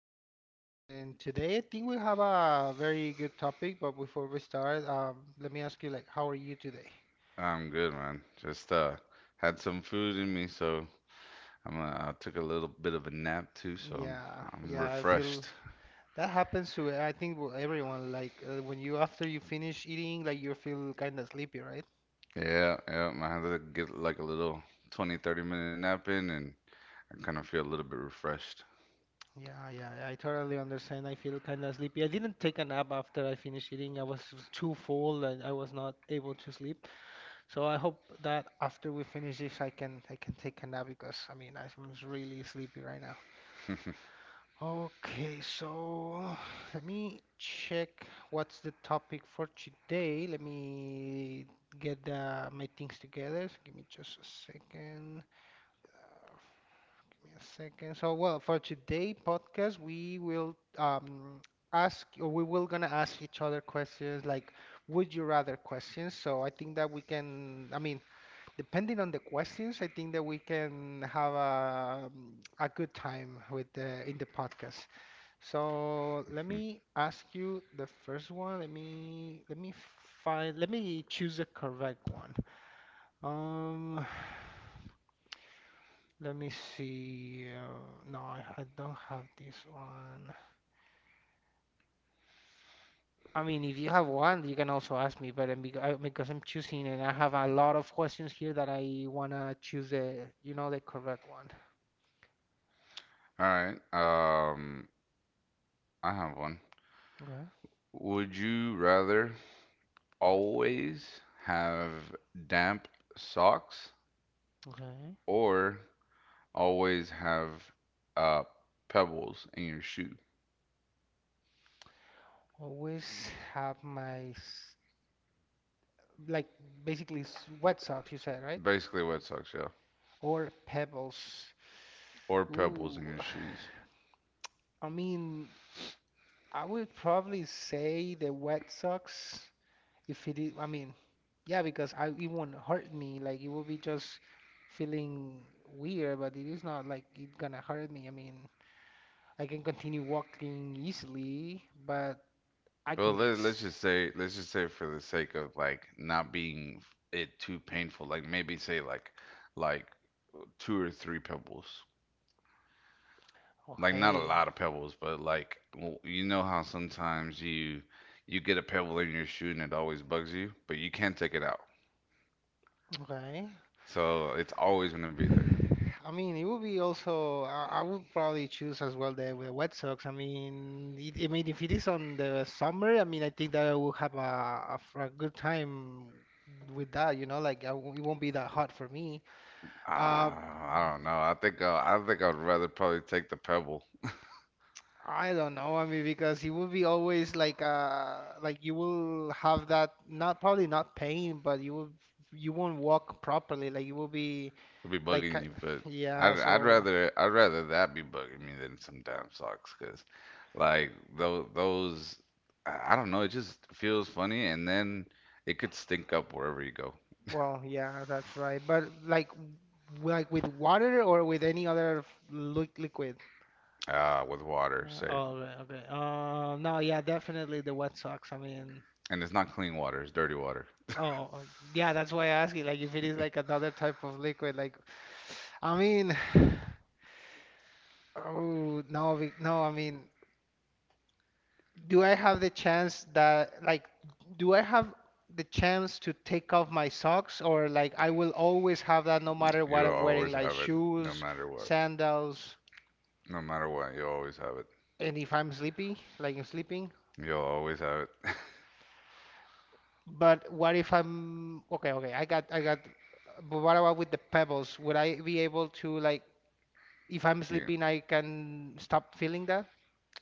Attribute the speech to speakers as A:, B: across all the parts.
A: again with us, and today I think we have a very good topic. But before we start, let me ask you, like, how are you today?
B: I'm good, man. Just had some food in me, so I'm I took a little bit of a nap too, so I'm,
A: Yeah,
B: I'm
A: yeah, I feel
B: refreshed.
A: that happens to, I think, everyone. Like, when you after you finish eating, like, you feel kind of sleepy, right?
B: Yeah, yeah. I had to get like a little 20, 30-minute nap in, and I kind of feel a little bit refreshed.
A: Yeah, yeah, I totally understand. I feel kind of sleepy. I didn't take a nap after I finished eating. I was too full and I was not able to sleep. So I hope that after we finish this, I can take a nap because I mean really sleepy right now.
B: All
A: Okay, so let me check what's the topic for today. Let me get my things together. So give me just a second. Uh, Give me a second. So well, for today podcast, we will ask or we will gonna ask each other questions like would you rather questions. So I think that we can. I mean. Depending on the questions, I think that we can have a good time with in the podcast. So let me ask you the first one. Let me find let me choose the correct one. Um, let me see. No, I don't have this one. I mean, if you have one, you can also ask me. But because I'm choosing, and I have a lot of questions here that I wanna choose the you know the correct one.
B: right. I have one.
A: Okay.
B: Would you rather always have damp socks
A: Okay.
B: or always have uh pebbles in your shoe?
A: Always have like basically wet socks, you said, right?
B: Basically, wet socks, yeah.
A: Or pebbles.
B: Or pebbles in
A: Ooh,
B: your shoes.
A: I mean, I would probably say the wet socks if it is, I mean, yeah, because I it won't hurt me. Like it will be just feeling weird, but it is not like it gonna hurt me. I mean, I can continue walking easily, but I
B: Well,
A: can get
B: let's just say, let's just say for the sake of like not being it too painful, like maybe say like two or three pebbles. Like not a
A: okay,
B: lot of pebbles, but like you know how sometimes you get a pebble in your shoe and it always bugs you, but you can't take it out.
A: okay.
B: So it's always gonna be there.
A: I mean, it would be also. I would probably choose as well the wet socks. I mean, I mean, if it is on the summer, I mean, I think that I will have a good time with that. Like I w it won't be that hot for me. Uh,
B: Ah, I don't know. I think I'd rather probably take the pebble.
A: I don't know. I mean, because it would be always like you will have that not probably not pain, but you won't walk properly. Like you will be
B: It'll be
A: like
B: bugging you, but
A: yeah.
B: I'd I'd
A: So.
B: rather I'd rather that be bugging me than some damn socks, 'cause like those I don't know, it just feels funny, and then it could stink up wherever you go.
A: Well, yeah, that's right. But like, like with water or with any other f- li liquid.
B: With water, say,
A: Oh, right, okay. No, yeah, definitely the wet socks. I mean,
B: and it's not clean water, it's dirty water.
A: oh, yeah, that's why I ask you, like, if it is like another type of liquid, like, I mean, oh, no, no, I mean, do I have the chance that, like, do I have the chance to take off my socks, or like, I will always have that no matter what
B: You'll
A: I'm
B: always
A: wearing, like
B: have it, no
A: shoes,
B: matter what.
A: sandals.
B: No matter what, you'll always have it.
A: And if I'm sleepy, like I'm sleeping.
B: You'll always have
A: But what if I'm okay? Okay, I got. But what about with the pebbles? Would I be able to like, if I'm
B: it.
A: sleeping, I can stop feeling that?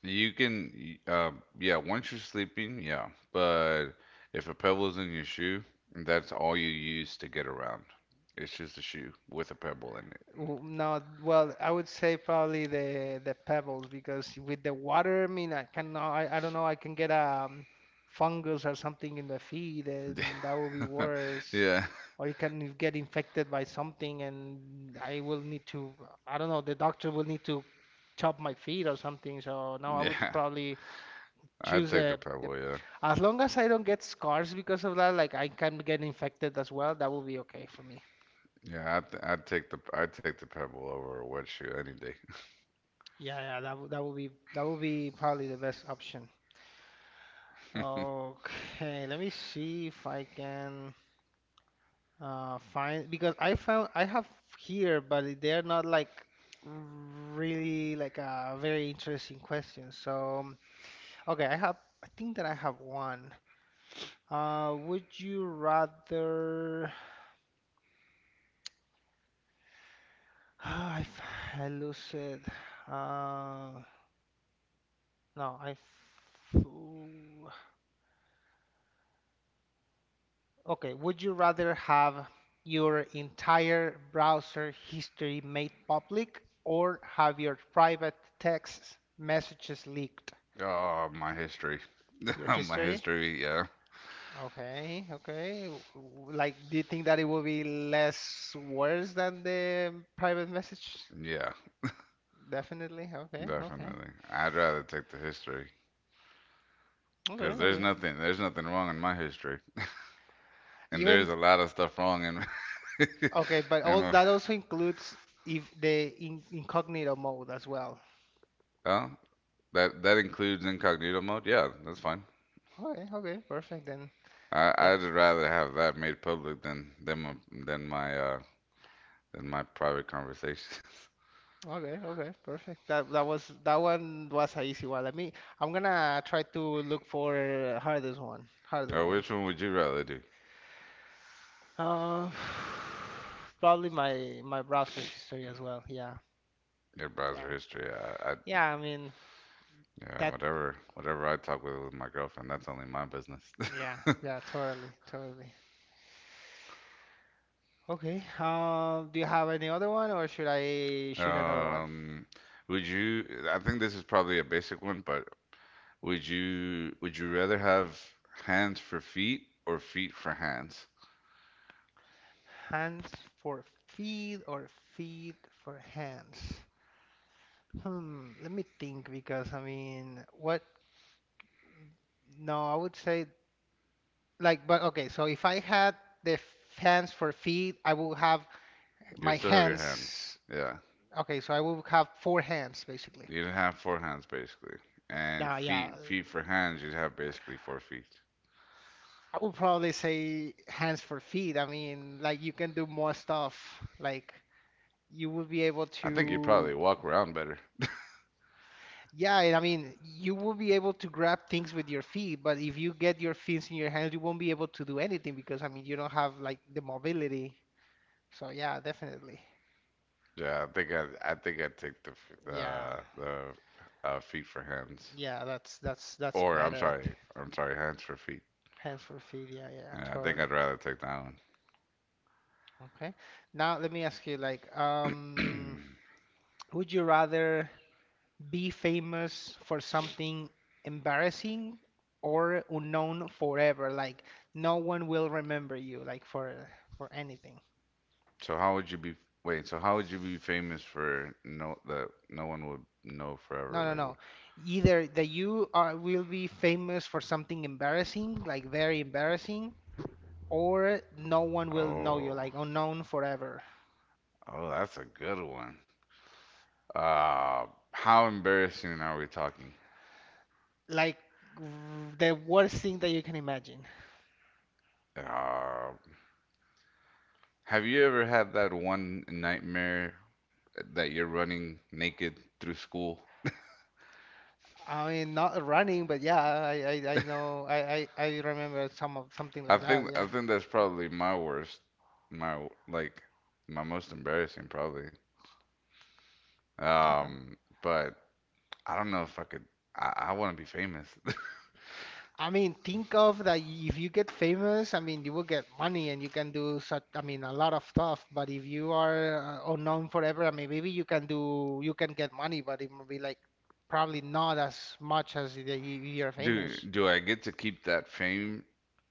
B: You can, uh, yeah, once you're sleeping, yeah. But if a pebble is in your shoe, that's all you use to get around. It's just a shoe with a pebble in
A: No, well, I would say probably the pebbles because with the water, I mean, I don't know, I can get fungus or something in the feet,
B: it.
A: and that will be worse.
B: Yeah,
A: Or you can get infected by something, and I will need to, I don't know, the doctor will need to chop my feet or something. So no, I would
B: yeah.
A: probably
B: I'd
A: choose
B: take the
A: the
B: pebble, yeah.
A: as long as I don't get scars because of that, like I can get infected as well, that will be okay for me.
B: Yeah, I'd take the pebble over a wet shoe any
A: Yeah, yeah, that would be probably the best option.
B: day.
A: Okay, let me see if I can find because I have here, but they're not like really like a very interesting question. So, okay, I think that I have one. Would you rather I f- I lose it. Uh, no, f- okay, would you rather have your entire browser history made public or have your private texts messages leaked?
B: Oh, my history.
A: Your
B: My
A: history?
B: history, yeah.
A: Okay, okay. Like, do you think that it will be less worse than the private message?
B: Yeah,
A: Definitely. Okay, okay.
B: definitely. I'd rather take the history because
A: Okay,
B: there's
A: okay.
B: nothing there's nothing wrong in my history. And there's
A: Even
B: a lot of stuff wrong in.
A: Okay, but all
B: And
A: that also includes if incognito mode as well.
B: well, that includes incognito mode. Yeah, that's fine.
A: Okay, okay, perfect then.
B: I
A: That.
B: I'd rather have that made public than than my uh than my private conversations.
A: Okay, okay, perfect. That one was a easy one. Let me. I'm gonna try to look for harder
B: Or
A: one.
B: which one would you rather do?
A: Uh, probably my browser history as well. Yeah,
B: Your browser
A: yeah,
B: history. I
A: yeah. I mean
B: yeah,
A: that.
B: whatever I talk with my girlfriend, that's only my business.
A: Yeah, yeah. Totally, totally. Okay. Do you have any other one, or should I shoot another one?
B: um, would you? I think this is probably a basic one, but would you rather have hands for feet or feet for hands?
A: Hands for feet or feet for hands? Hmm. Let me think because I mean, what? No, I would say. Like, but okay, so if I had the f- hands for feet, I will have
B: You
A: my
B: still have your hands.
A: hands.
B: Yeah.
A: Okay, so I will have four hands basically.
B: You'd have four hands basically, and
A: Now, yeah,
B: feet for hands. You'd have basically four feet.
A: I would probably say hands for feet. I mean, like you can do more stuff. Like you will be able
B: I think you'd
A: to,
B: probably walk around better.
A: yeah, and I mean, you will be able to grab things with your feet, but if you get your feet in your hands, you won't be able to do anything because, I mean, you don't have like the mobility. So yeah, definitely.
B: Yeah, I think I'd take the
A: Yeah.
B: feet for hands.
A: Yeah, that's
B: Or
A: better.
B: I'm sorry, hands for feet.
A: Hands for feet. Yeah, yeah,
B: Yeah, I think
A: totally.
B: I'd rather take that
A: Okay. Now let me ask you, like,
B: one.
A: would you rather be famous for something embarrassing or unknown forever? Like, no one will remember you, like for anything.
B: So how would you be? Wait, so how would you be famous for no that no one would know forever?
A: No, no,
B: Like, what?
A: no. Either that you are will be famous for something embarrassing, like very embarrassing, or no one will know you,
B: oh,
A: like unknown forever.
B: oh, that's a good one. Uh, how embarrassing are we talking?
A: Like r- the worst thing that you can imagine.
B: Uh, Have you ever had that one nightmare that you're running naked through school?
A: I mean, not running, but yeah, I know I remember something
B: I
A: like that.
B: think
A: Yeah.
B: I think that's probably my worst, my like my most embarrassing probably.
A: Okay.
B: But I don't know if I could. I want to be famous.
A: I mean, think of that if you get famous, I mean, you will get money and you can do I mean, a lot of stuff. But if you are unknown forever, I mean, maybe you can get money, but it will be like probably not as much as if you're
B: Do
A: famous.
B: do I get to keep that fame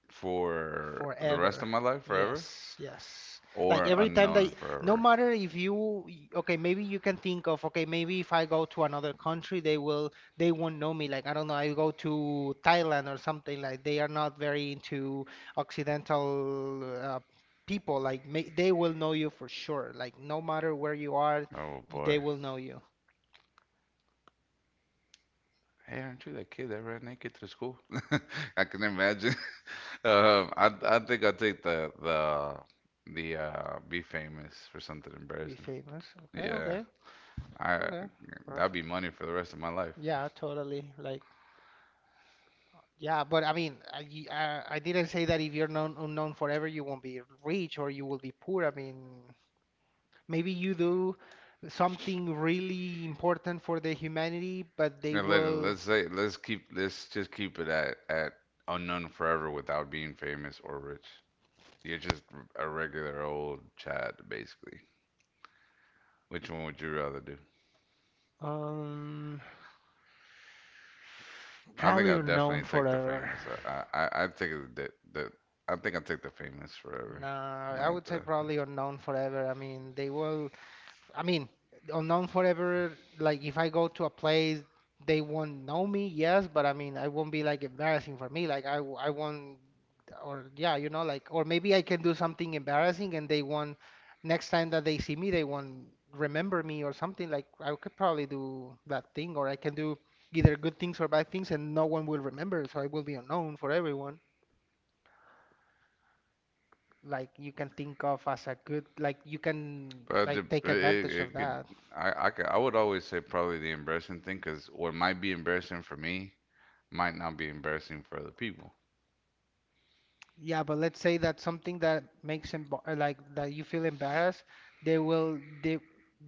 B: for the rest of
A: Forever.
B: my life forever,
A: Yes, yes. Like
B: or
A: every time
B: unknown
A: that, no
B: forever?
A: matter if you, okay, maybe you can think of, okay, maybe if I go to another country, they won't know me. Like, I don't know, I go to Thailand or something, like they are not very into Occidental people. Like, they will know you for sure. Like, no matter where you are,
B: Oh boy.
A: they will know you.
B: Hey, aren't you that kid that ran naked through school? I can imagine. I think I'll take the be famous for something
A: Be
B: embarrassing.
A: famous. Okay,
B: Yeah,
A: okay,
B: I
A: okay.
B: that'd be
A: Perfect.
B: money for the rest of my life.
A: Yeah, totally. Like, yeah, but I mean, I didn't say that if you're known unknown forever, you won't be rich or you will be poor. I mean, maybe you do something really important for the humanity, but they
B: And let
A: will
B: let's say let's keep let's just keep it at unknown forever without being famous or rich. You're just a regular old Chad, basically. Which one would you rather do?
A: um
B: I think
A: probably
B: I'd definitely
A: unknown
B: take the
A: forever.
B: famous. I think I'd take the famous forever,
A: Nah, I
B: like
A: would say
B: the
A: probably unknown forever. I mean, they will. I mean, unknown forever. Like, if I go to a place, they won't know me. Yes, but I mean, I won't be like embarrassing for me. Like, I won't. Or yeah, like, or maybe I can do something embarrassing, and they won't. Next time that they see me, they won't remember me or something. Like, I could probably do that thing, or I can do either good things or bad things, and no one will remember. So I will be unknown for everyone. Like, you can think of as a good, like, you can,
B: But it,
A: like, take
B: it,
A: advantage
B: it
A: of
B: could,
A: that.
B: I could, I would always say probably the embarrassing thing, because what might be embarrassing for me might not be embarrassing for other people.
A: Yeah, but let's say that something that makes emb like, that you feel embarrassed, they will they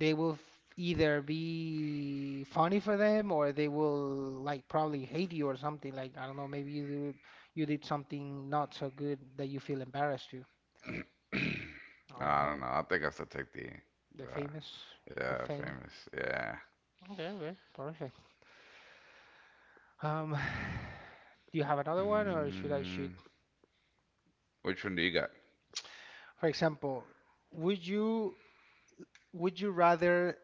A: they will either be funny for them or they will, like, probably hate you or something. Like, I don't know, maybe you did something not so good that you feel embarrassed to. I don't
B: I don't
A: know.
B: know. I think I still take
A: The famous.
B: the
A: The
B: yeah,
A: fame.
B: famous, yeah.
A: Okay, okay, perfect. um do you have another one or should I shoot?
B: Mm, which one do you got?
A: For example, would you would you rather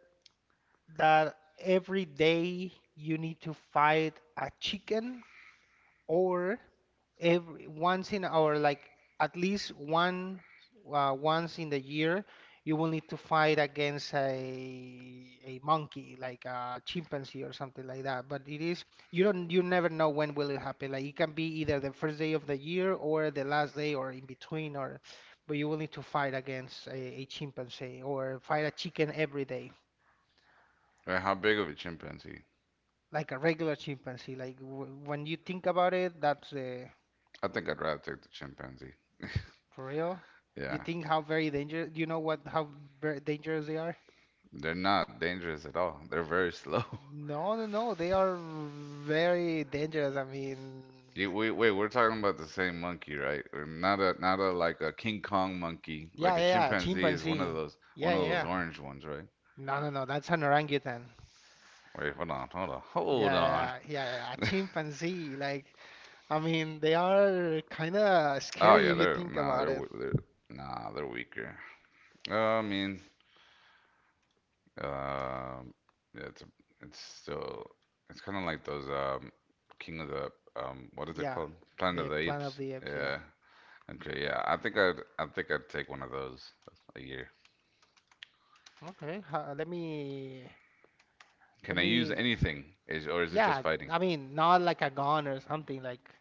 A: that every day you need to fight a chicken, or every once in our, like, at least one, once in the year you will need to fight against a monkey, like a chimpanzee or something like that, but it is you never know when will it happen. Like, it can be either the first day of the year or the last day or in between, or but you will need to fight against a chimpanzee or fight a chicken every day.
B: Or how big of a chimpanzee?
A: Like a regular chimpanzee, like w when you think about it, that's the.
B: I think I'd rather take the chimpanzee.
A: For real? You
B: Yeah,
A: think how very dangerous? You know what? How very dangerous they are?
B: they're not dangerous at all. They're very slow.
A: No, no, no. They are very dangerous. I mean,
B: Yeah, wait, wait, we're talking about the same monkey, right? Or not a like a King Kong monkey.
A: yeah,
B: Like a
A: yeah, yeah.
B: chimpanzee is one of
A: Chimpanzee.
B: those,
A: Yeah, yeah, yeah.
B: orange ones, right?
A: No, no, no. That's an orangutan.
B: Wait, hold on, hold on,
A: Yeah,
B: hold
A: yeah,
B: on.
A: yeah, yeah, yeah, a chimpanzee. Like, I mean, they are kind of
B: Oh
A: scary
B: yeah,
A: if you
B: they're
A: think
B: nah, they're
A: about it.
B: w- they're nah, they're weaker. I mean, um, yeah, it's a, it's still it's kind of like those King of the what is it
A: Yeah,
B: called? Planet of
A: the
B: the
A: Planet of
B: Apes.
A: the Apes. Yeah.
B: Yeah. Okay. Yeah. I think I'd take one of those a year.
A: Okay. Let me,
B: Can I
A: let
B: use
A: me.
B: anything? Is or is it just
A: Yeah,
B: fighting?
A: I mean, not like a gun or something. Like,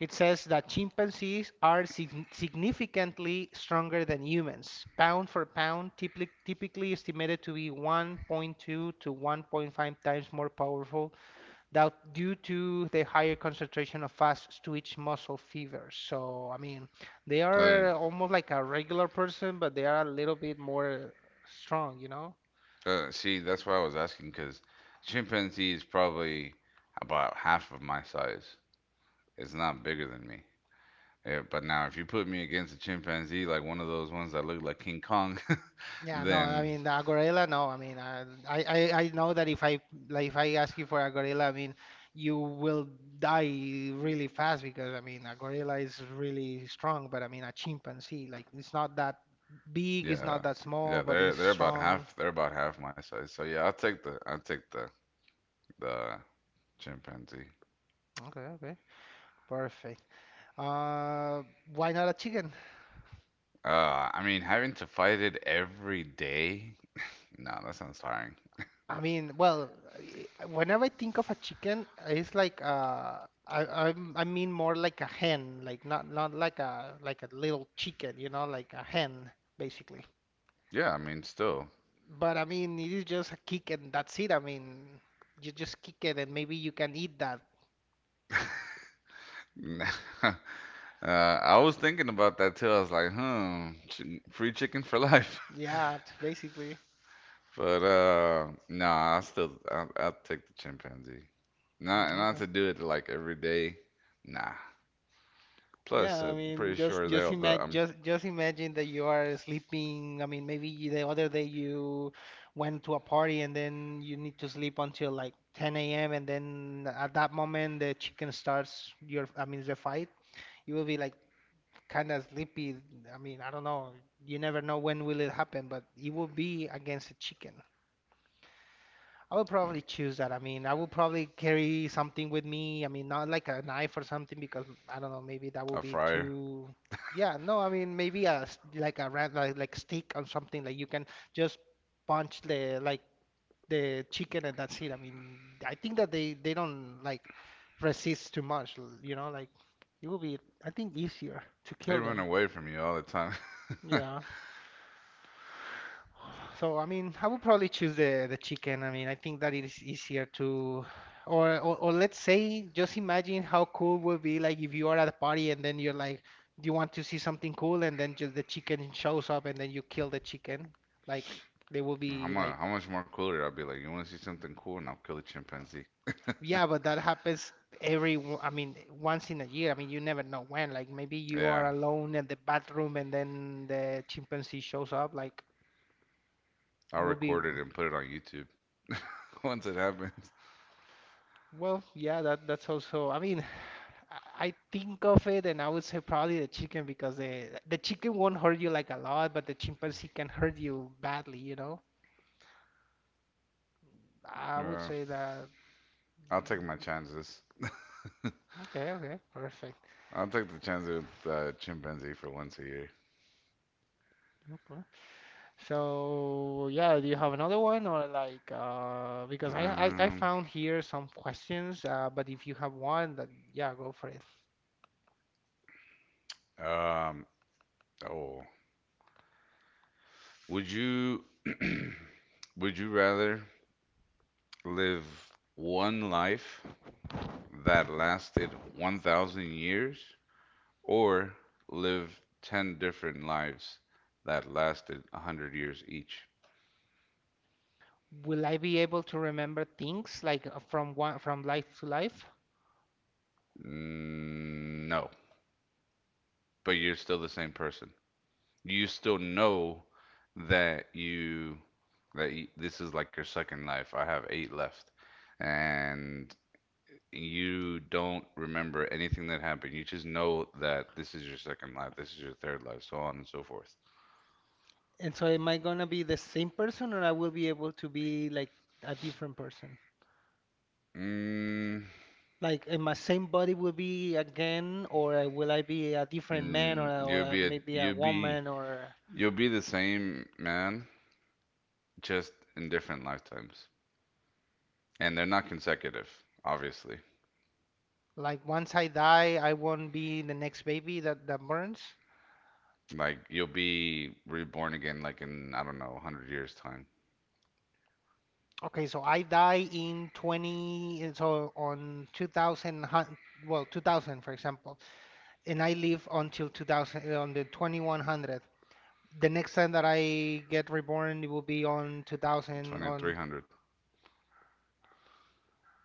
A: it says that chimpanzees are significantly stronger than humans. Pound for pound, typically estimated to be 1.2 to 1.5 times more powerful, due to the higher concentration of fast twitch muscle fibers. So, I mean, they
B: Uh,
A: are almost like a regular person, but they are a little bit more strong, you know?
B: see, that's why I was asking because chimpanzee is probably about half of my size. It's not bigger than me. Yeah, but now, if you put me against a chimpanzee, like one of those ones that look like King Kong,
A: Yeah, no, I
B: then
A: mean the gorilla. No, I mean, I know that if I ask you for a gorilla. I mean, you will die really fast, because, I mean, a gorilla is really strong, but, I mean, a chimpanzee, like, it's not that big, it's
B: yeah,
A: not that small,
B: yeah,
A: but
B: they're
A: it's
B: they're about
A: strong.
B: half they're about half my size. So yeah, I'll take the chimpanzee.
A: Okay, okay, perfect. Uh, why not a chicken?
B: I mean, having to fight it every day, no, that sounds tiring.
A: I mean, well, whenever I think of a chicken, it's like, I mean more like a hen, like, not like a little chicken, you know, like a hen, basically.
B: Yeah, I mean, still.
A: But, I mean, it is just a kick and that's it. I mean, you just kick it and maybe you can eat that.
B: Uh, I was thinking about that too. I was like, hmm, free chicken for life.
A: Yeah, it's basically.
B: But nah, I'll take the chimpanzee.
A: Mhm.
B: Not
A: Okay.
B: to do it like every day. Nah.
A: Yeah,
B: Plus,
A: I
B: I'm pretty
A: mean, just
B: sure
A: just
B: they'll the
A: imagine just just imagine that you are sleeping. I mean, maybe the other day you went to a party, and then you need to sleep until, like, 10 a.m. And then at that moment the chicken starts your, I mean, the fight. You will be, like, kind of sleepy. I mean, I don't know. You never know when will it happen, but it will be against a chicken. I would probably choose that. I mean, I would probably carry something with me. I mean, not like a knife or something, because I don't know, maybe that would
B: a
A: be
B: fryer.
A: too. Yeah, no, I mean, maybe a, like a ran, like stick or something, like, you can just punch the chicken and that's it. I mean, I think that they don't, like, resist too much, like, it would be, I think, easier to
B: They
A: kill
B: run
A: them.
B: away from you all the time.
A: Yeah. So, I mean, I would probably choose the chicken. I mean, I think that it is easier to, or let's say, just imagine how cool would be, like, if you are at a party, and then you're like, you want to see something cool, and then just the chicken shows up, and then you kill the chicken. Like, they will be like,
B: How much more cooler? I'll be like, you want to see something cool, and I'll kill a chimpanzee.
A: yeah, but that happens I mean, once in a year. I mean, you never know when. Like, maybe you
B: Yeah,
A: are alone in the bathroom, and then the chimpanzee shows up. Like,
B: I'll
A: it will be.
B: record it and put it on YouTube once it happens.
A: Well, yeah, that's also. I mean, I think of it, and I would say probably the chicken, because the chicken won't hurt you, like, a lot, but the chimpanzee can hurt you badly. I would
B: Uh,
A: say that.
B: I'll take my chances.
A: Okay, okay, perfect.
B: I'll take the chance with chimpanzee for once a year.
A: Okay. So yeah, do you have another one, or, like, because I
B: Um,
A: found here some questions, but if you have one, that, yeah, go for it.
B: um, oh, would you would you rather live one life that lasted 1,000 years or live 10 different lives that lasted 100 years each?
A: Will I be able to remember things, like, from life to life?
B: No, but you're still the same person. You still know that you this is like your second life. I have eight left, and you don't remember anything that happened. You just know that this is your second life, this is your third life, so on and so forth.
A: And so am I gonna be the same person, or I will be able to be, like, a different person?
B: Mm,
A: Like, am my same body will be again, or will I be a different man or or
B: you'll
A: a,
B: be a
A: maybe a woman, or.
B: you'll be the same man, just in different lifetimes, and they're not consecutive, obviously.
A: Like, once I die, I won't be the next baby that burns.
B: Like you'll be reborn again, like in I don't know, 100 years time.
A: Okay, so I die in 20, and so on 2000, well, 2000 for example, and I live until 2000 on the 2100. The next time that I get reborn, it will be on 2000 on.
B: 2300.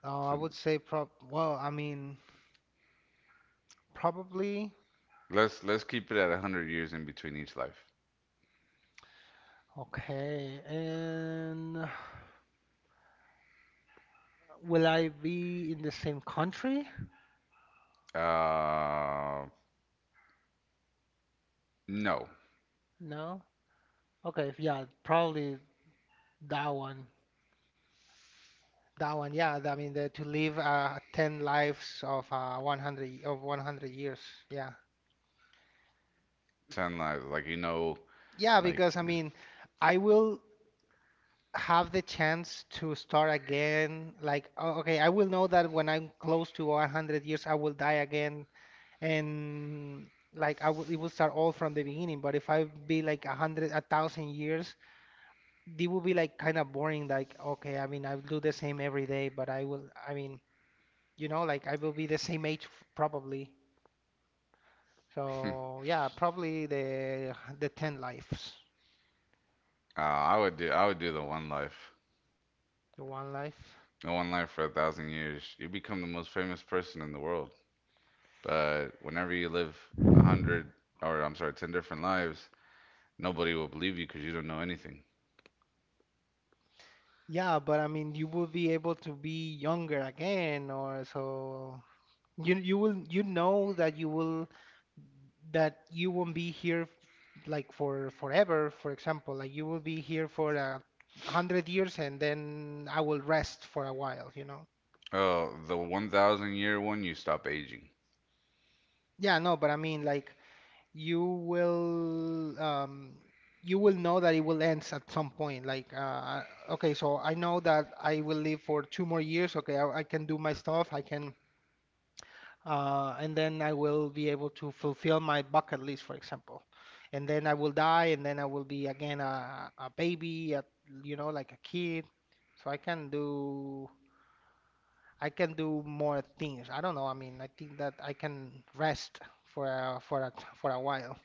A: I
B: So
A: would say prob well, I mean, probably.
B: let's keep it at 100 years in between each life.
A: Okay. And will I be in the same country?
B: Uh, no,
A: No. Okay, yeah, probably that one. That one, yeah. I mean, to live, 10 lives of, 100 years. Yeah.
B: 10 lives. Like you know,
A: Yeah, because,
B: like.
A: I mean, I will have the chance to start again. Like, okay, I will know that when I'm close to 100 years, I will die again, and, like, I would it would start all from the beginning. But if I be like 100, 1,000 years, it would be, like, kind of boring. Like, okay, I mean, I do the same every day, but I will, I mean, like, I will be the same age probably.
B: Uh,
A: So yeah, probably the 10 lives,
B: I would do the one life.
A: the one life.
B: The one life for a 1,000 years. You become the most famous person in the world. But whenever you live 100 or I'm sorry, 10 different lives, nobody will believe you because you don't know anything.
A: Yeah, but I mean, you will be able to be younger again, or so you will, you know, that you will, that you won't be here, like, for forever, for example, like, you will be here for 100 years, and then I will rest for a while, you know?
B: Oh, the 1,000 year one, you stop aging.
A: Yeah, no, but I mean, like, you will um you will know that it will end at some point. Like, okay, so I know that I will live for 2 more years. Okay, I can do my stuff. I can, and then I will be able to fulfill my bucket list, for example. And then I will die, and then I will be again a baby, like a kid. So I can do more things. I don't know. I mean, I think that I can rest for a, for a, for a while.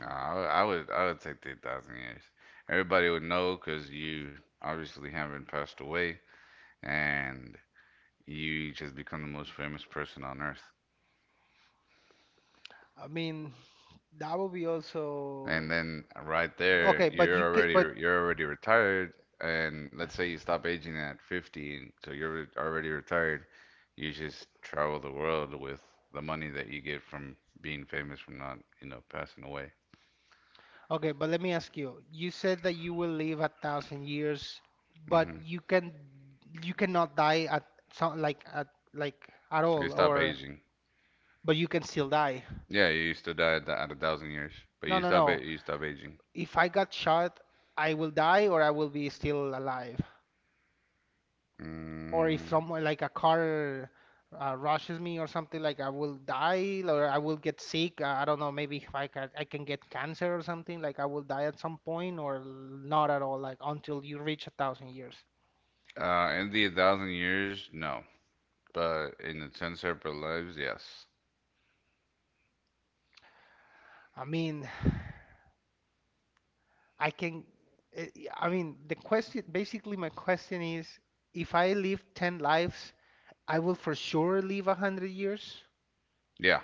B: I would take the 1,000 years. Everybody would know because you obviously haven't passed away, and you just become the most famous person on earth.
A: I mean, that will be
B: And
A: also
B: then right
A: okay.
B: there,
A: But you can, but.
B: you're already retired. And let's say you stop aging at 50, so you're already retired. You just travel the world with the money that you get from being famous from not, passing away.
A: Okay, but let me ask you. You said that you will live 1,000 years, but
B: Hmm.
A: you cannot die at some, like, at, like, at
B: You
A: all,
B: stop
A: or
B: aging.
A: but you can still die.
B: Yeah, you used to die at a thousand years, but
A: No,
B: you
A: no,
B: stop it.
A: no.
B: You stop aging.
A: If I got shot, I will die, or I will be still alive. Or if
B: Mm,
A: someone, like, a car, rushes me or something, like, I will die, or I will get sick. I don't know. Maybe if I can get cancer or something, like, I will die at some point, or not at all, like, until you reach 1,000 years.
B: in the thousand years, no. But in the ten separate lives, yes.
A: I mean, I can. eh, I mean, the question, basically, my question is, if I live 10 lives, I will for sure live 100 years.
B: Yeah.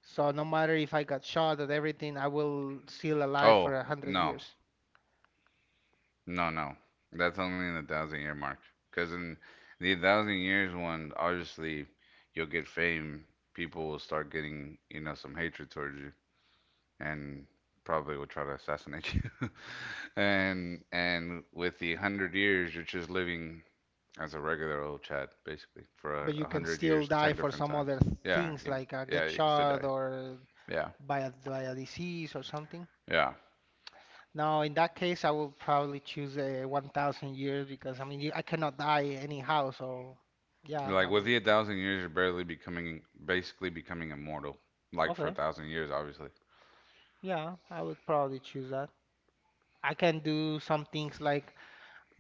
A: So no matter if I got shot at everything, I will still alive for
B: Oh
A: 100
B: no,
A: years.
B: no, no. That's only in the 1,000 year mark. Because in the 1,000 years one, obviously, you'll get fame. People will start getting, some hatred towards you. And probably will try to assassinate you. And with the hundred years, you're just living as a regular old Chad, basically, for
A: But you can
B: hundred
A: still
B: years,
A: die
B: ten
A: for
B: different
A: some
B: times.
A: other
B: Yeah,
A: things,
B: you,
A: like,
B: yeah,
A: get
B: you can still die.
A: shot or
B: Yeah,
A: by a disease or something.
B: yeah.
A: Now, in that case, I will probably choose a 1,000 years, because, I mean, I cannot die anyhow. So yeah,
B: Like
A: I
B: with
A: will.
B: the a 1,000 years, you're barely becoming, basically becoming immortal. Like for a
A: Okay.
B: 1,000 years, obviously.
A: Yeah, I would probably choose that. I can do some things, like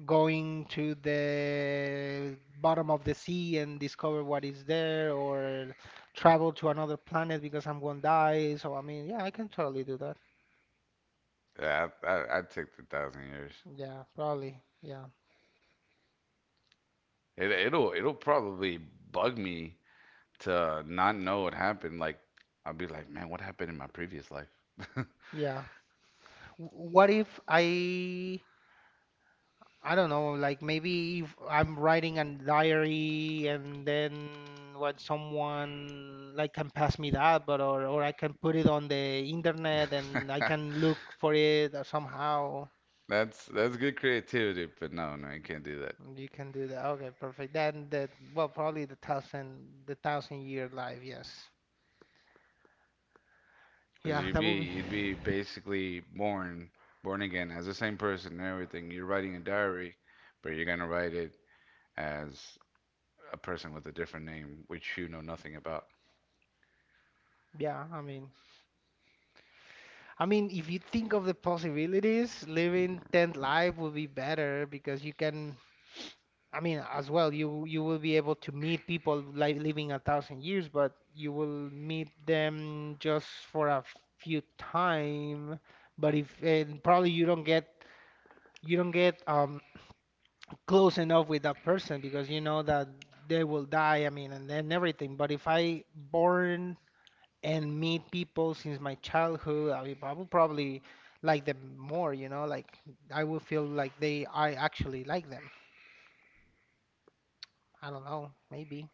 A: going to the bottom of the sea and discover what is there, or travel to another planet, because I'm gonna die. So, I mean, yeah, I can totally do that.
B: Yeah, I'd take the 1,000 years.
A: Yeah, probably. Yeah,
B: It'll probably bug me to not know what happened. Like I'll be like, man, what happened in my previous life?
A: yeah. What if I, I don't know, like, maybe if I'm writing a diary, and then what someone, like, can pass me that, but or I can put it on the internet and I can look for it or somehow.
B: That's good creativity, but no, no, you can't do that.
A: You can do that. Okay, perfect. Then that well probably the thousand year life, yes.
B: 'Cause
A: Yeah, that would be
B: you'd be basically born again as the same person and everything. You're writing a diary, but you're gonna write it as a person with a different name, which you know nothing about.
A: yeah, I mean if you think of the possibilities, living 10th life would be better, because you can, I mean, as well, you will be able to meet people, like living 1,000 years, but you will meet them just for a few time. But if and probably you don't get close enough with that person, because you know that they will die. I mean, and then everything. But if I born and meet people since my childhood, I mean, I will probably like them more. Like, I will feel like they I actually like them. I don't know, maybe.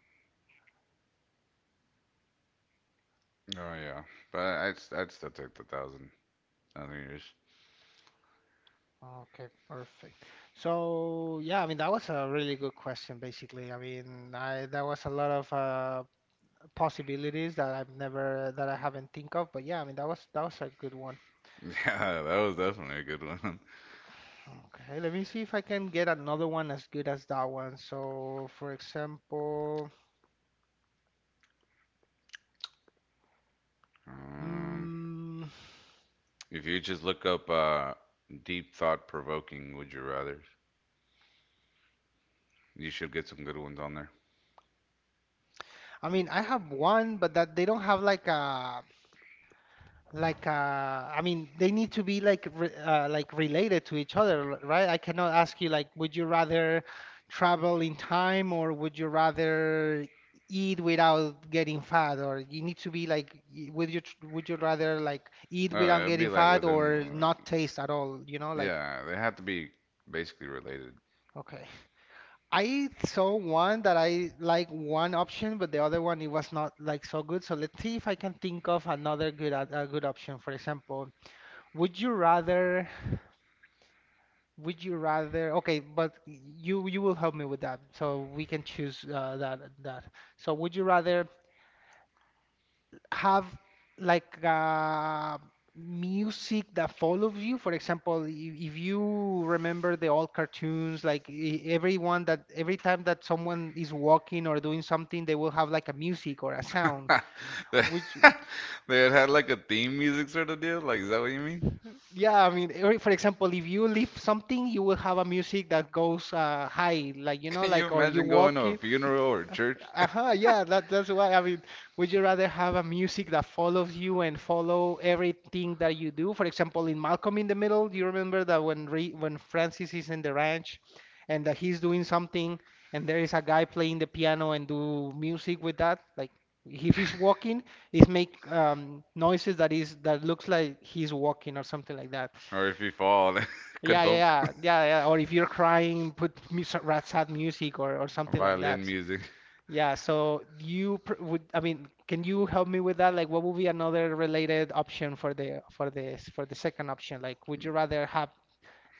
B: Oh yeah, but I'd still take the thousand years.
A: Okay, perfect. So yeah, I mean, that was a really good question, basically. I mean, I that was a lot of, possibilities that I haven't think of, but yeah, I mean, that was a good one.
B: Yeah, that was definitely a good one.
A: Okay, let me see if I can get another one as good as that one. So, for example,
B: Um,
A: mm,
B: if you just look up deep thought provoking, would you rather? You should get some good ones on there.
A: I mean, I have one, but that they don't have like a like. They need to be like re like related to each other, right. I cannot ask you like, would you rather travel in time, or would you rather eat without getting fat? Or you need to be like would you rather like eat
B: Oh,
A: without
B: it'd be
A: getting
B: like
A: fat
B: within.
A: or
B: uh,
A: not taste at all, you know, like
B: Yeah, they had to be basically related.
A: okay I saw one that I like one option, but the other one it was not like so good, so let's see if I can think of another good a good option. For example, would you rather Would you rather? Okay, but you will help me with that, so we can choose that. So would you rather have like uh, music that follows you? For example, if you remember the old cartoons, like everyone that every time that someone is walking or doing something, they will have like a music or a sound.
B: They
A: Which
B: They had like a theme music sort of deal. Like, is that what you mean?
A: Yeah, I mean, for example, if you leave something, you will have a music that goes high, like, you know,
B: Can you
A: like, or you
B: imagine going
A: walk.
B: to a funeral or church?
A: Uh-huh, yeah, that's why. I mean, would you rather have a music that follows you and follow everything that you do? For example, in Malcolm in the Middle, do you remember that when Re when Francis is in the ranch and that he's doing something, and there is a guy playing the piano and do music with that? Like, if he's walking, he's make noises that is that looks like he's walking or something like that.
B: Or if you fall,
A: Yeah, yeah,
B: kadunk,
A: yeah, yeah, yeah. Or if you're crying, put sad music, or something like
B: violin
A: that.
B: music.
A: Yeah, so you pr would, I mean, can you help me with that? Like, what would be another related option for the for the second option? Like, would you rather have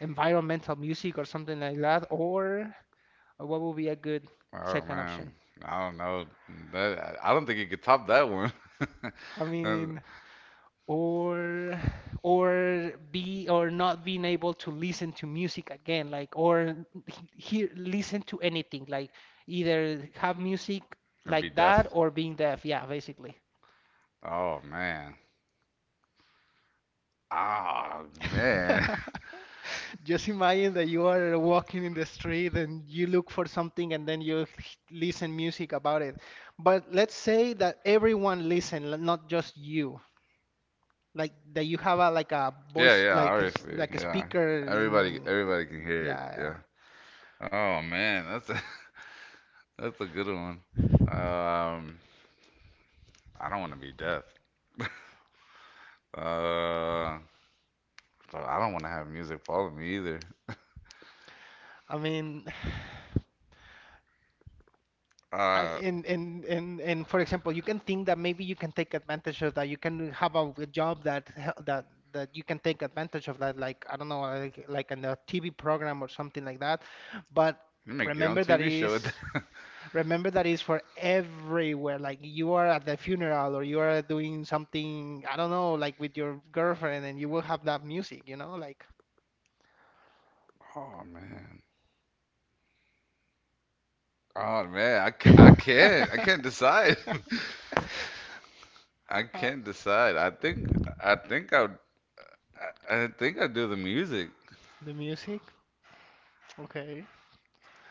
A: environmental music or something like that, or what would be a good
B: Oh
A: second option?
B: man, I don't know. That I don't think you could top that one.
A: I
B: That-
A: mean, or or be or not being able to listen to music again, like, or hear, listen to anything, like either have music
B: That'd be
A: like that
B: death.
A: or being deaf. Yeah, basically.
B: Oh man. Oh man.
A: Just imagine that you are walking in the street and you look for something, and then you listen music about it. But let's say that everyone listen, not just you. Like that you have a like a
B: Yeah,
A: voice
B: yeah.
A: like a
B: Obviously,
A: like a
B: yeah.
A: speaker
B: Everybody,
A: in,
B: everybody can hear it.
A: yeah, yeah.
B: Yeah. Oh man, that's a that's a good one. Um, I don't want to be deaf. Uh, but I don't want to have music follow me either.
A: I mean, I-
B: Uh,
A: and and and and for example, you can think that maybe you can take advantage of that. You can have a, job that that that you can take advantage of that, like I don't know, like in a TV program or something like that. But
B: you make your own
A: remember that
B: TV show with
A: is
B: that.
A: remember that is for everywhere. Like, you are at the funeral, or you are doing something, I don't know, like with your girlfriend, and you will have that music, you know, like.
B: Oh man. Oh man, I ca- I can't I
A: uh,
B: can't decide. I can't decide. I think I think I'd do the music.
A: the music. Okay.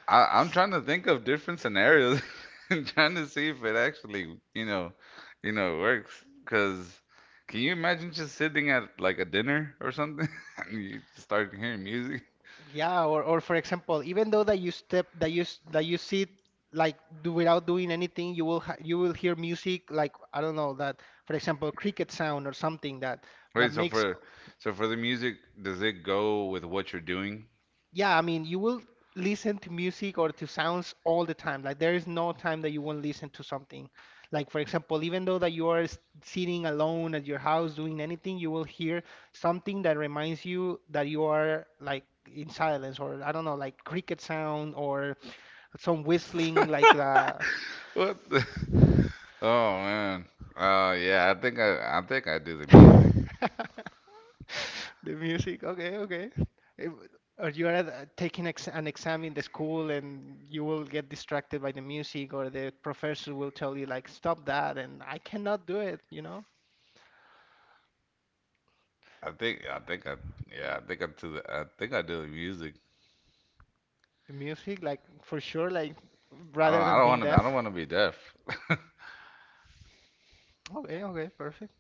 B: I'm trying to think of different scenarios and trying to see if it actually, you know, you know, works. Cause can you imagine just sitting at like a dinner or something and you start hearing music?
A: Yeah, or for example, even though that you step that you s- that you sit like do, without doing anything, you will hear music, like I don't know, that for example cricket sound or something that
B: Wait, so
A: makes,
B: for so for the music, does it go with what you're doing?
A: yeah. I mean, you will listen to music or to sounds all the time. Like, there is no time that you won't listen to something. Like for example, even though that you are sitting alone at your house doing anything, you will hear something that reminds you that you are like in silence, or I don't know, like cricket sound, or some whistling like the.
B: What the? Oh man. Yeah, I think I do the music.
A: The music. Okay, okay. If- or you are taking ex an exam in the school and you will get distracted by the music, or the professor will tell you like, stop that, and I cannot do it, you know.
B: I think I think I yeah, I think I think I do the music.
A: The music, like, for sure, like,
B: I don't
A: rather
B: I
A: than
B: don't
A: being
B: want to I don't
A: deaf.
B: want to be deaf.
A: Okay, okay, perfect.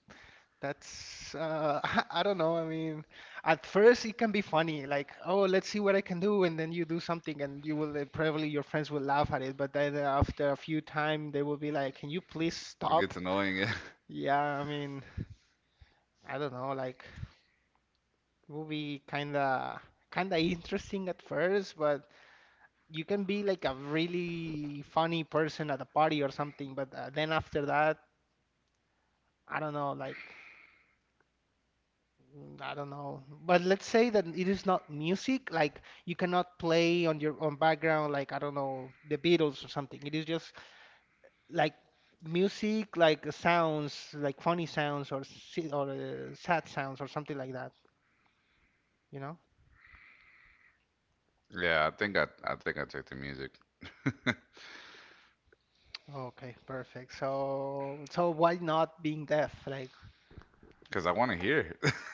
A: That's I don't know. I mean, at first it can be funny, like, oh, let's see what I can do, and then you do something, and you will probably your friends will laugh at it, but then after a few time they will be like, can you please
B: It
A: stop?
B: gets annoying.
A: Yeah, I mean, I don't know, like, it will be kinda interesting at first, but you can be like a really funny person at a party or something, but then after that, I don't know, like, mm, I don't know. But let's say that it is not music, like you cannot play on your own background, like I don't know, the Beatles or something. It is just like music, like sounds, like funny sounds, or sad sounds or something like that, you know?
B: Yeah, I I think I take the music
A: Okay, perfect. So so why not being deaf? Like,
B: because I want to hear it.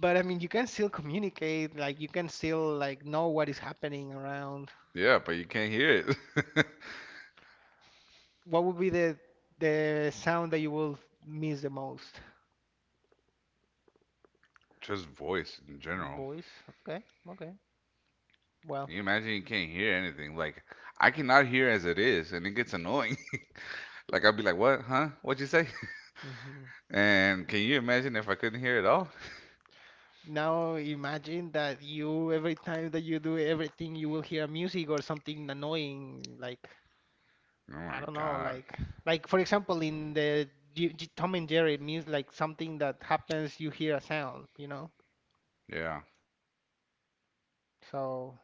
A: but I mean, you can still communicate, like you can still like know what is happening around.
B: Yeah, but you can't hear it.
A: What would be the sound that you will miss the most?
B: Just voice in general.
A: Boys. Okay. Okay. Well,
B: Can you imagine you can't hear anything? Like I cannot hear as it is, and it gets annoying. Like I'll be like, "What? Huh? What'd you say?"
A: mhm.
B: And can you imagine if I couldn't hear it all?
A: Now imagine that you, every time that you do everything, you will hear music or something annoying. Like,
B: Oh
A: I
B: my
A: don't know,
B: God.
A: like for example, in the G G Tom and Jerry, it means like something that happens, you hear a sound, you know?
B: Yeah,
A: So,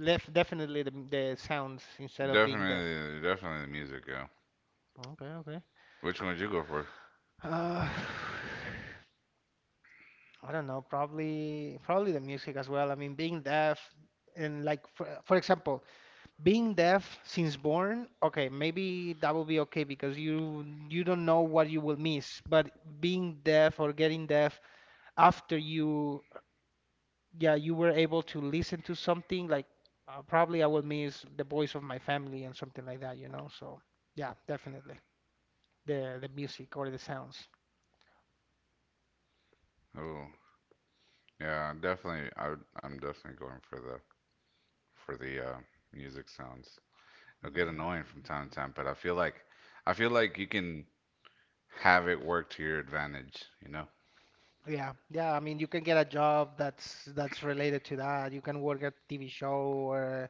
A: left definitely the sounds instead of being deaf.
B: definitely the music. Yeah.
A: Okay, okay.
B: Which one would you go for?
A: Uh, I don't know, probably the music as well. I mean, being deaf and like for example, being deaf since born, okay, maybe that will be okay because you don't know what you will miss, but being deaf or getting deaf after you, yeah, you were able to listen to something, like probably I will miss the voice of my family and something like that, you know. So yeah, definitely the music or the sounds.
B: Oh, yeah, definitely. I'm definitely going for the music sounds. It'll get
A: Yeah,
B: annoying from time to time, but I feel like you can have it work to your advantage, you know?
A: yeah, yeah, I mean, you can get a job that's related to that. You can work at TV show, or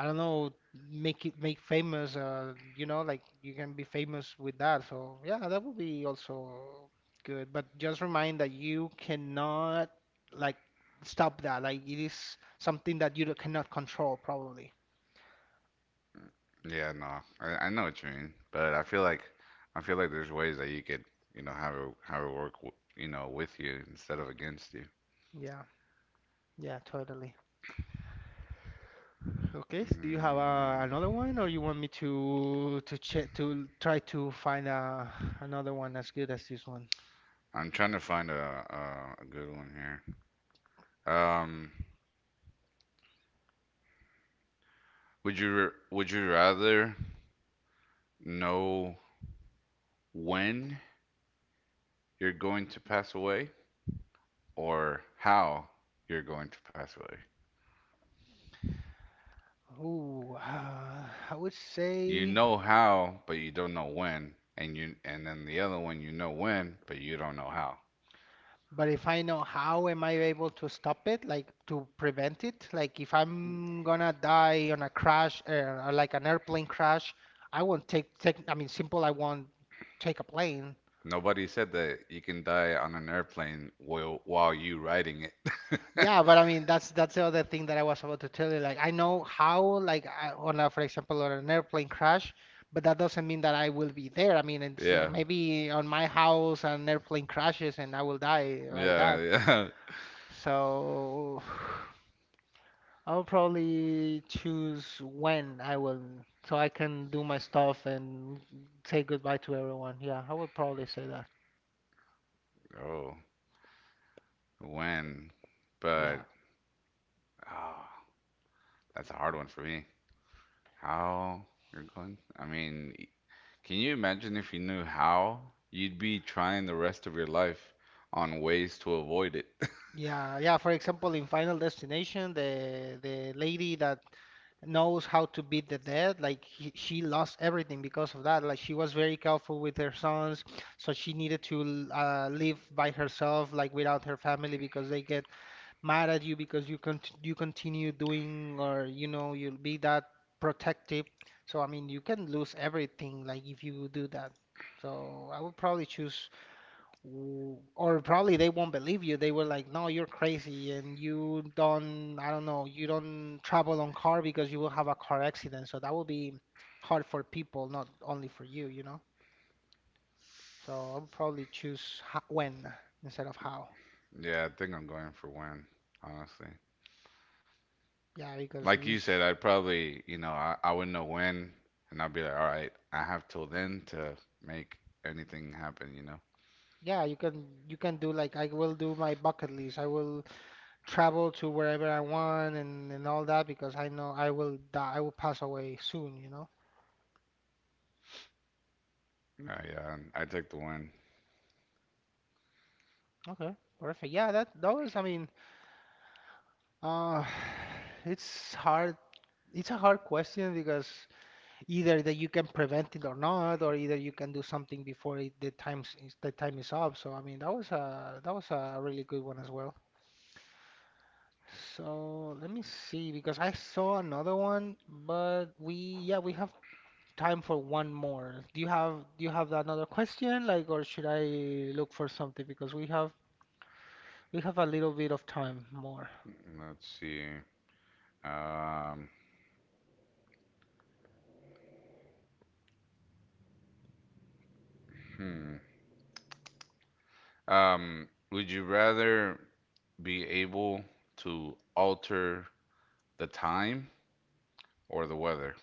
A: I don't know, make it make famous, you know, like you can be famous with that. So yeah, that would be also good. But just remind that you cannot like stop that. Like, it is something that you cannot control, probably.
B: Yeah, no, I know what you mean, but I feel like there's ways that you could, you know, have it work, you know, with you instead of against you.
A: Yeah, yeah, totally. Okay, so do you have
B: Mm,
A: another one, or you want me to check, to try to find another one as good as this one?
B: I'm trying to find a good one here. Um, would you rather know when you're going to pass away or how you're going to pass away?
A: Ooh, I would
B: You
A: say.
B: know how, but you don't know when. And you and then the other one you know when, but you don't know how.
A: But if I know how, am I able to stop it, like to prevent it, like if I'm gonna die on a crash, or like an airplane crash, I won't I mean, simple, I won't take a plane.
B: Nobody said that you can die on an airplane while you riding it.
A: Yeah, but I mean, that's the other thing that I was about to tell you. Like, I know how, like I, on a, for example, on an airplane crash, but that doesn't mean that I will be there. I mean, it's
B: Yeah.
A: maybe on my house an airplane crashes and I will die like
B: Yeah,
A: that.
B: yeah.
A: So. I'll probably choose when I will, so I can do my stuff and say goodbye to everyone. Yeah, I would probably say that.
B: Oh, when?
A: Yeah.
B: But oh, that's a hard one for me. How you're going? I mean, can you imagine if you knew how? You'd be trying the rest of your life on ways to avoid it.
A: Yeah, yeah. For example, in Final Destination, the lady that knows how to beat the dead, like he, she lost everything because of that. Like, she was very careful with her sons, so she needed to live by herself, like without her family, because they get mad at you because you continue doing, or you know you'll be that protective. So I mean, you can lose everything like if you do that. So I would probably choose or probably they won't believe you. They were like, "No, you're crazy, and you don't, I don't know, you don't travel on car because you will have a car accident." So that would be hard for people, not only for you, you know. So I would probably choose when instead of how.
B: Yeah, I think I'm going for when, honestly.
A: Yeah, because it
B: Like you
A: is,
B: said, I'd probably, you know, I wouldn't know when, and I'd be like, all right, I have till then to make anything happen, you know?
A: yeah, you can do like, I will do my bucket list. I will travel to wherever I want, and all that, because I know I will die. I will pass away soon, you know?
B: Yeah, and I take the win.
A: Okay, perfect. Yeah, that that was, I mean, uh, it's hard. It's a hard question because either that you can prevent it or not, or either you can do something before it, the time is up. So I mean, that was a really good one as well. So let me see, because I saw another one, but we have time for one more. Do you have another question, like, or should I look for something? Because we have a little bit of time more.
B: Let's see. Um, hmm. Would you rather be able to alter the time or the weather?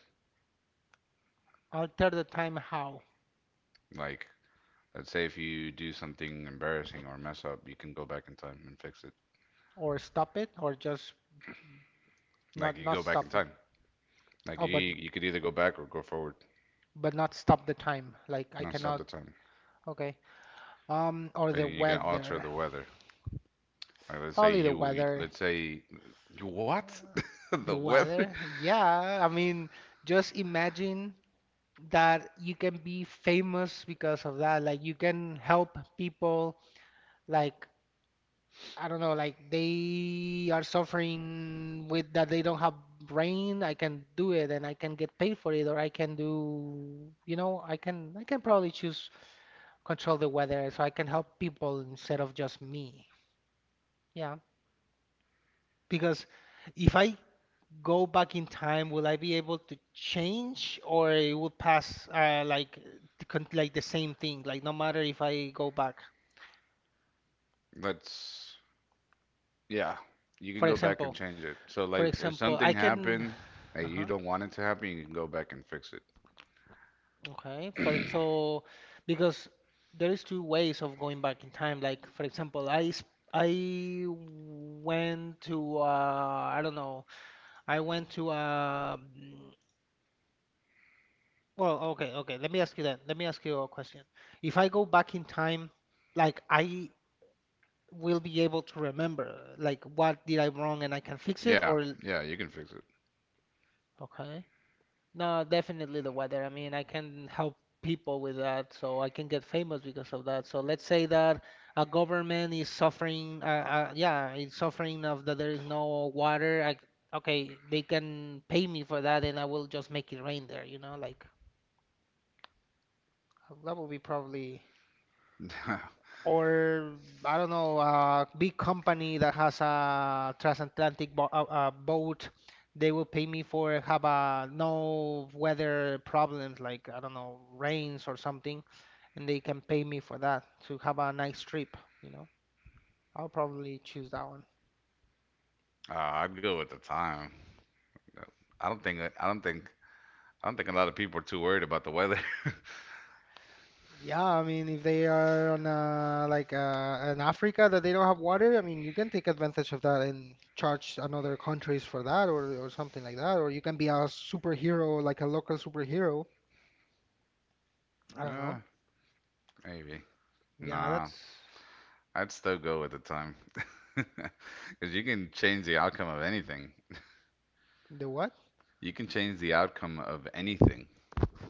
A: Alter the time how?
B: Like, let's say if you do something embarrassing or mess up, you can go back in time and fix it.
A: Or stop it, or just
B: Like,
A: not,
B: you go
A: not
B: back in
A: stop it.
B: time. Like, you,
A: Oh,
B: you could either go back or go forward.
A: but not stop the time. Like, I
B: No, it's not
A: cannot.
B: the time.
A: Okay. Or
B: But
A: the
B: you can alter
A: weather.
B: the weather. Like, let's say
A: Probably the
B: you,
A: weather.
B: let's say you what? The
A: The
B: weather?
A: weather? Yeah. I mean, just imagine that you can be famous because of that. Like you can help people like I don't know, like they are suffering with that they don't have brain, I can do it and I can get paid for it, or I can do, I can probably choose control the weather so I can help people instead of just me. Yeah, because if I go back in time, will I be able to change or it will pass like like the same thing, like no matter if I go back.
B: Let's, yeah, you can
A: For
B: go back and
A: example,
B: change it. So
A: for
B: like, if
A: example,
B: something
A: I can.
B: happened that you
A: Uh-huh.
B: don't want it to happen, you can go back and fix
A: Okay,
B: it.
A: so because there is two ways of going back in time. Like for example, I went to I don't know. I went to well, okay. Let me ask you that. Let me ask you a question. If I go back in time, like I will be able to remember, like what did I wrong and I can fix it,
B: Yeah,
A: or
B: yeah, you can fix it.
A: okay. No, definitely the weather. I mean, I can help people with that, so I can get famous because of that. So let's say that a government is suffering, yeah, it's suffering of that there is no water. Okay, they can pay me for that, and I will just make it rain there. You know, like that would be probably. Or I don't know, a big company that has a transatlantic bo boat, they will pay me for have a no weather problems like I don't know rains or something, and they can pay me for that to have a nice trip. You know, I'll probably choose that one.
B: I'd go with the time. I don't think, I don't think, I don't think a lot of people are too worried about the weather.
A: Yeah, I mean, if they are on like in Africa that they don't have water, I mean, you can take advantage of that and charge another countries for that, or something like that, or you can be a superhero, like a local superhero. I don't
B: Uh,
A: know.
B: maybe.
A: Yeah,
B: Nah,
A: that's
B: I'd still go with the time. Because you can change the outcome of anything.
A: the what?
B: You can change the outcome of anything.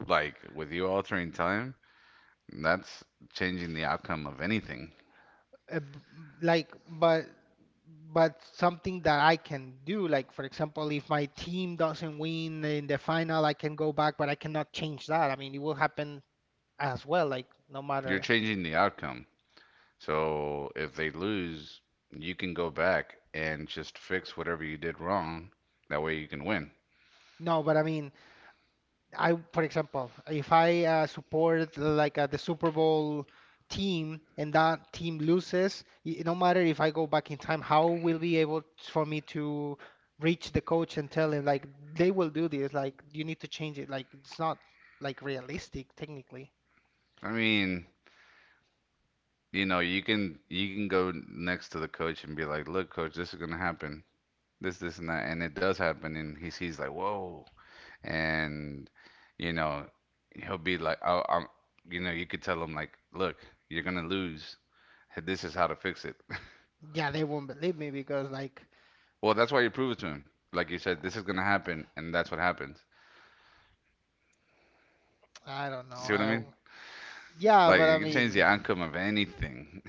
B: Like with you altering time, that's changing the outcome of anything.
A: Uh, b- like, but something that I can do, like for example, if my team doesn't win in the final, I can go back, but I cannot change that. I mean, it will happen as well, like no
B: You're
A: matter.
B: changing the outcome. So if they lose, you can go back and just fix whatever you did wrong. That way you can win.
A: No, but I mean. I, for example, if I support like the Super Bowl team and that team loses, it, no matter if I go back in time, how will be able t- for me to reach the coach and tell him like they will do this, like you need to change it. Like it's not like realistic technically.
B: I mean, you know, you can go next to the coach and be like, "Look, coach, this is gonna happen. And that." And it does happen, and he sees like, "Whoa, and you know he'll be like oh I'm you know you could tell him like look you're gonna lose this is how to fix it
A: Yeah, they won't believe me because like
B: well that's why you prove it to him like you said this is gonna happen and that's what happens
A: I don't know.
B: see what I
A: I
B: mean
A: yeah,
B: like
A: but
B: you
A: I
B: can change
A: mean
B: the outcome of anything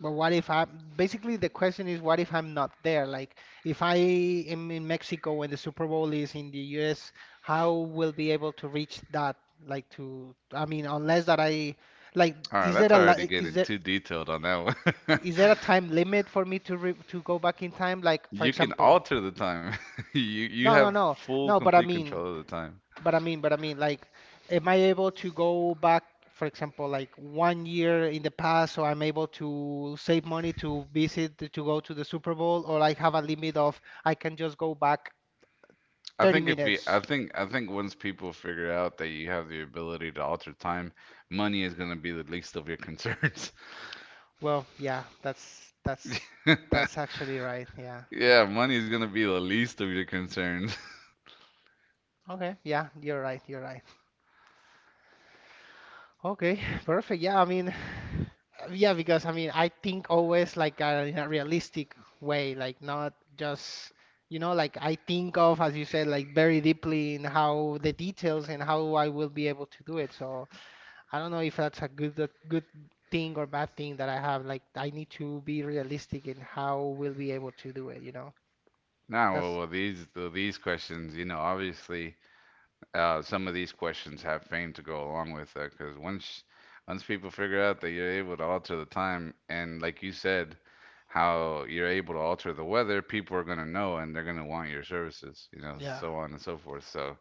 A: but what if I basically the question is what if I'm not there? Like if I am in Mexico when the Super Bowl is in the US, how will be able to reach that? Like to I mean unless that I like
B: all right that's already getting too detailed on that one
A: is there a time limit for me to re to go back in time? Like for
B: you can
A: example,
B: alter the time you
A: no no
B: have
A: no
B: full
A: no. But I
B: complete
A: mean
B: control of the time
A: Like, am I able to go back, for example, like 1 year in the past, so I'm able to save money to visit, to go to the Super Bowl, or I have a limit of I can just go back
B: I
A: 30
B: think if you,
A: minutes?
B: I think once people figure out that you have the ability to alter time, money is gonna be the least of your concerns.
A: Well, yeah, that's that's actually right. Yeah.
B: Yeah, money is gonna be the least of your concerns.
A: Okay. Yeah, you're right. You're right. Okay, perfect. Yeah, I mean, yeah, because I mean, I think always like in a realistic way, like not just, you know, like I think of, as you said, like very deeply in how the details and how I will be able to do it. So I don't know if that's a good thing or bad thing that I have. Like I need to be realistic in how we'll be able to do it, you know?
B: Now, well,
A: That's,
B: well, these questions, you know, obviously, some of these questions have fame to go along with that, because once people figure out that you're able to alter the time, and like you said, how you're able to alter the weather, people are gonna know and they're gonna want your services, you know,
A: yeah.
B: so on and so forth. So.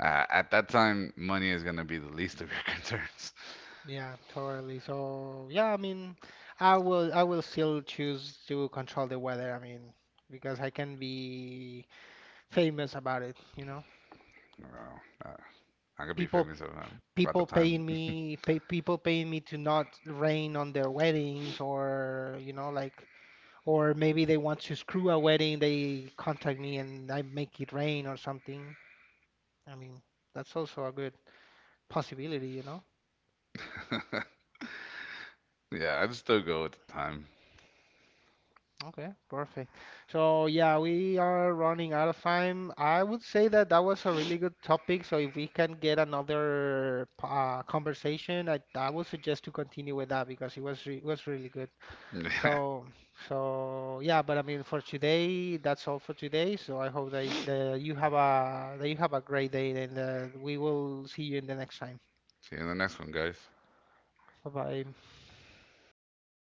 B: At that time, money is gonna be the least of your concerns.
A: Yeah, totally. So yeah, I mean, I will still choose to control the weather. I mean, because I can be famous about it, you know.
B: Well, uh, I'm gonna be
A: People
B: famous around about the
A: People
B: time.
A: people paying me to not rain on their weddings or you know like or maybe they want to screw a wedding, they contact me and I make it rain or something. I mean, that's also a good possibility, you know.
B: yeah, I'd still go with the time.
A: Okay, perfect. So yeah, we are running out of time. I would say that that was a really good topic. So if we can get another conversation, I would suggest to continue with that because it was re it was really good.
B: Yeah,
A: So
B: that was definitely a good
A: so
B: one.
A: yeah, but I mean for today, that's all for today. So I hope that, you have a that you have a great day and we will see you in the next time.
B: See you in the next one, guys.
A: Bye bye.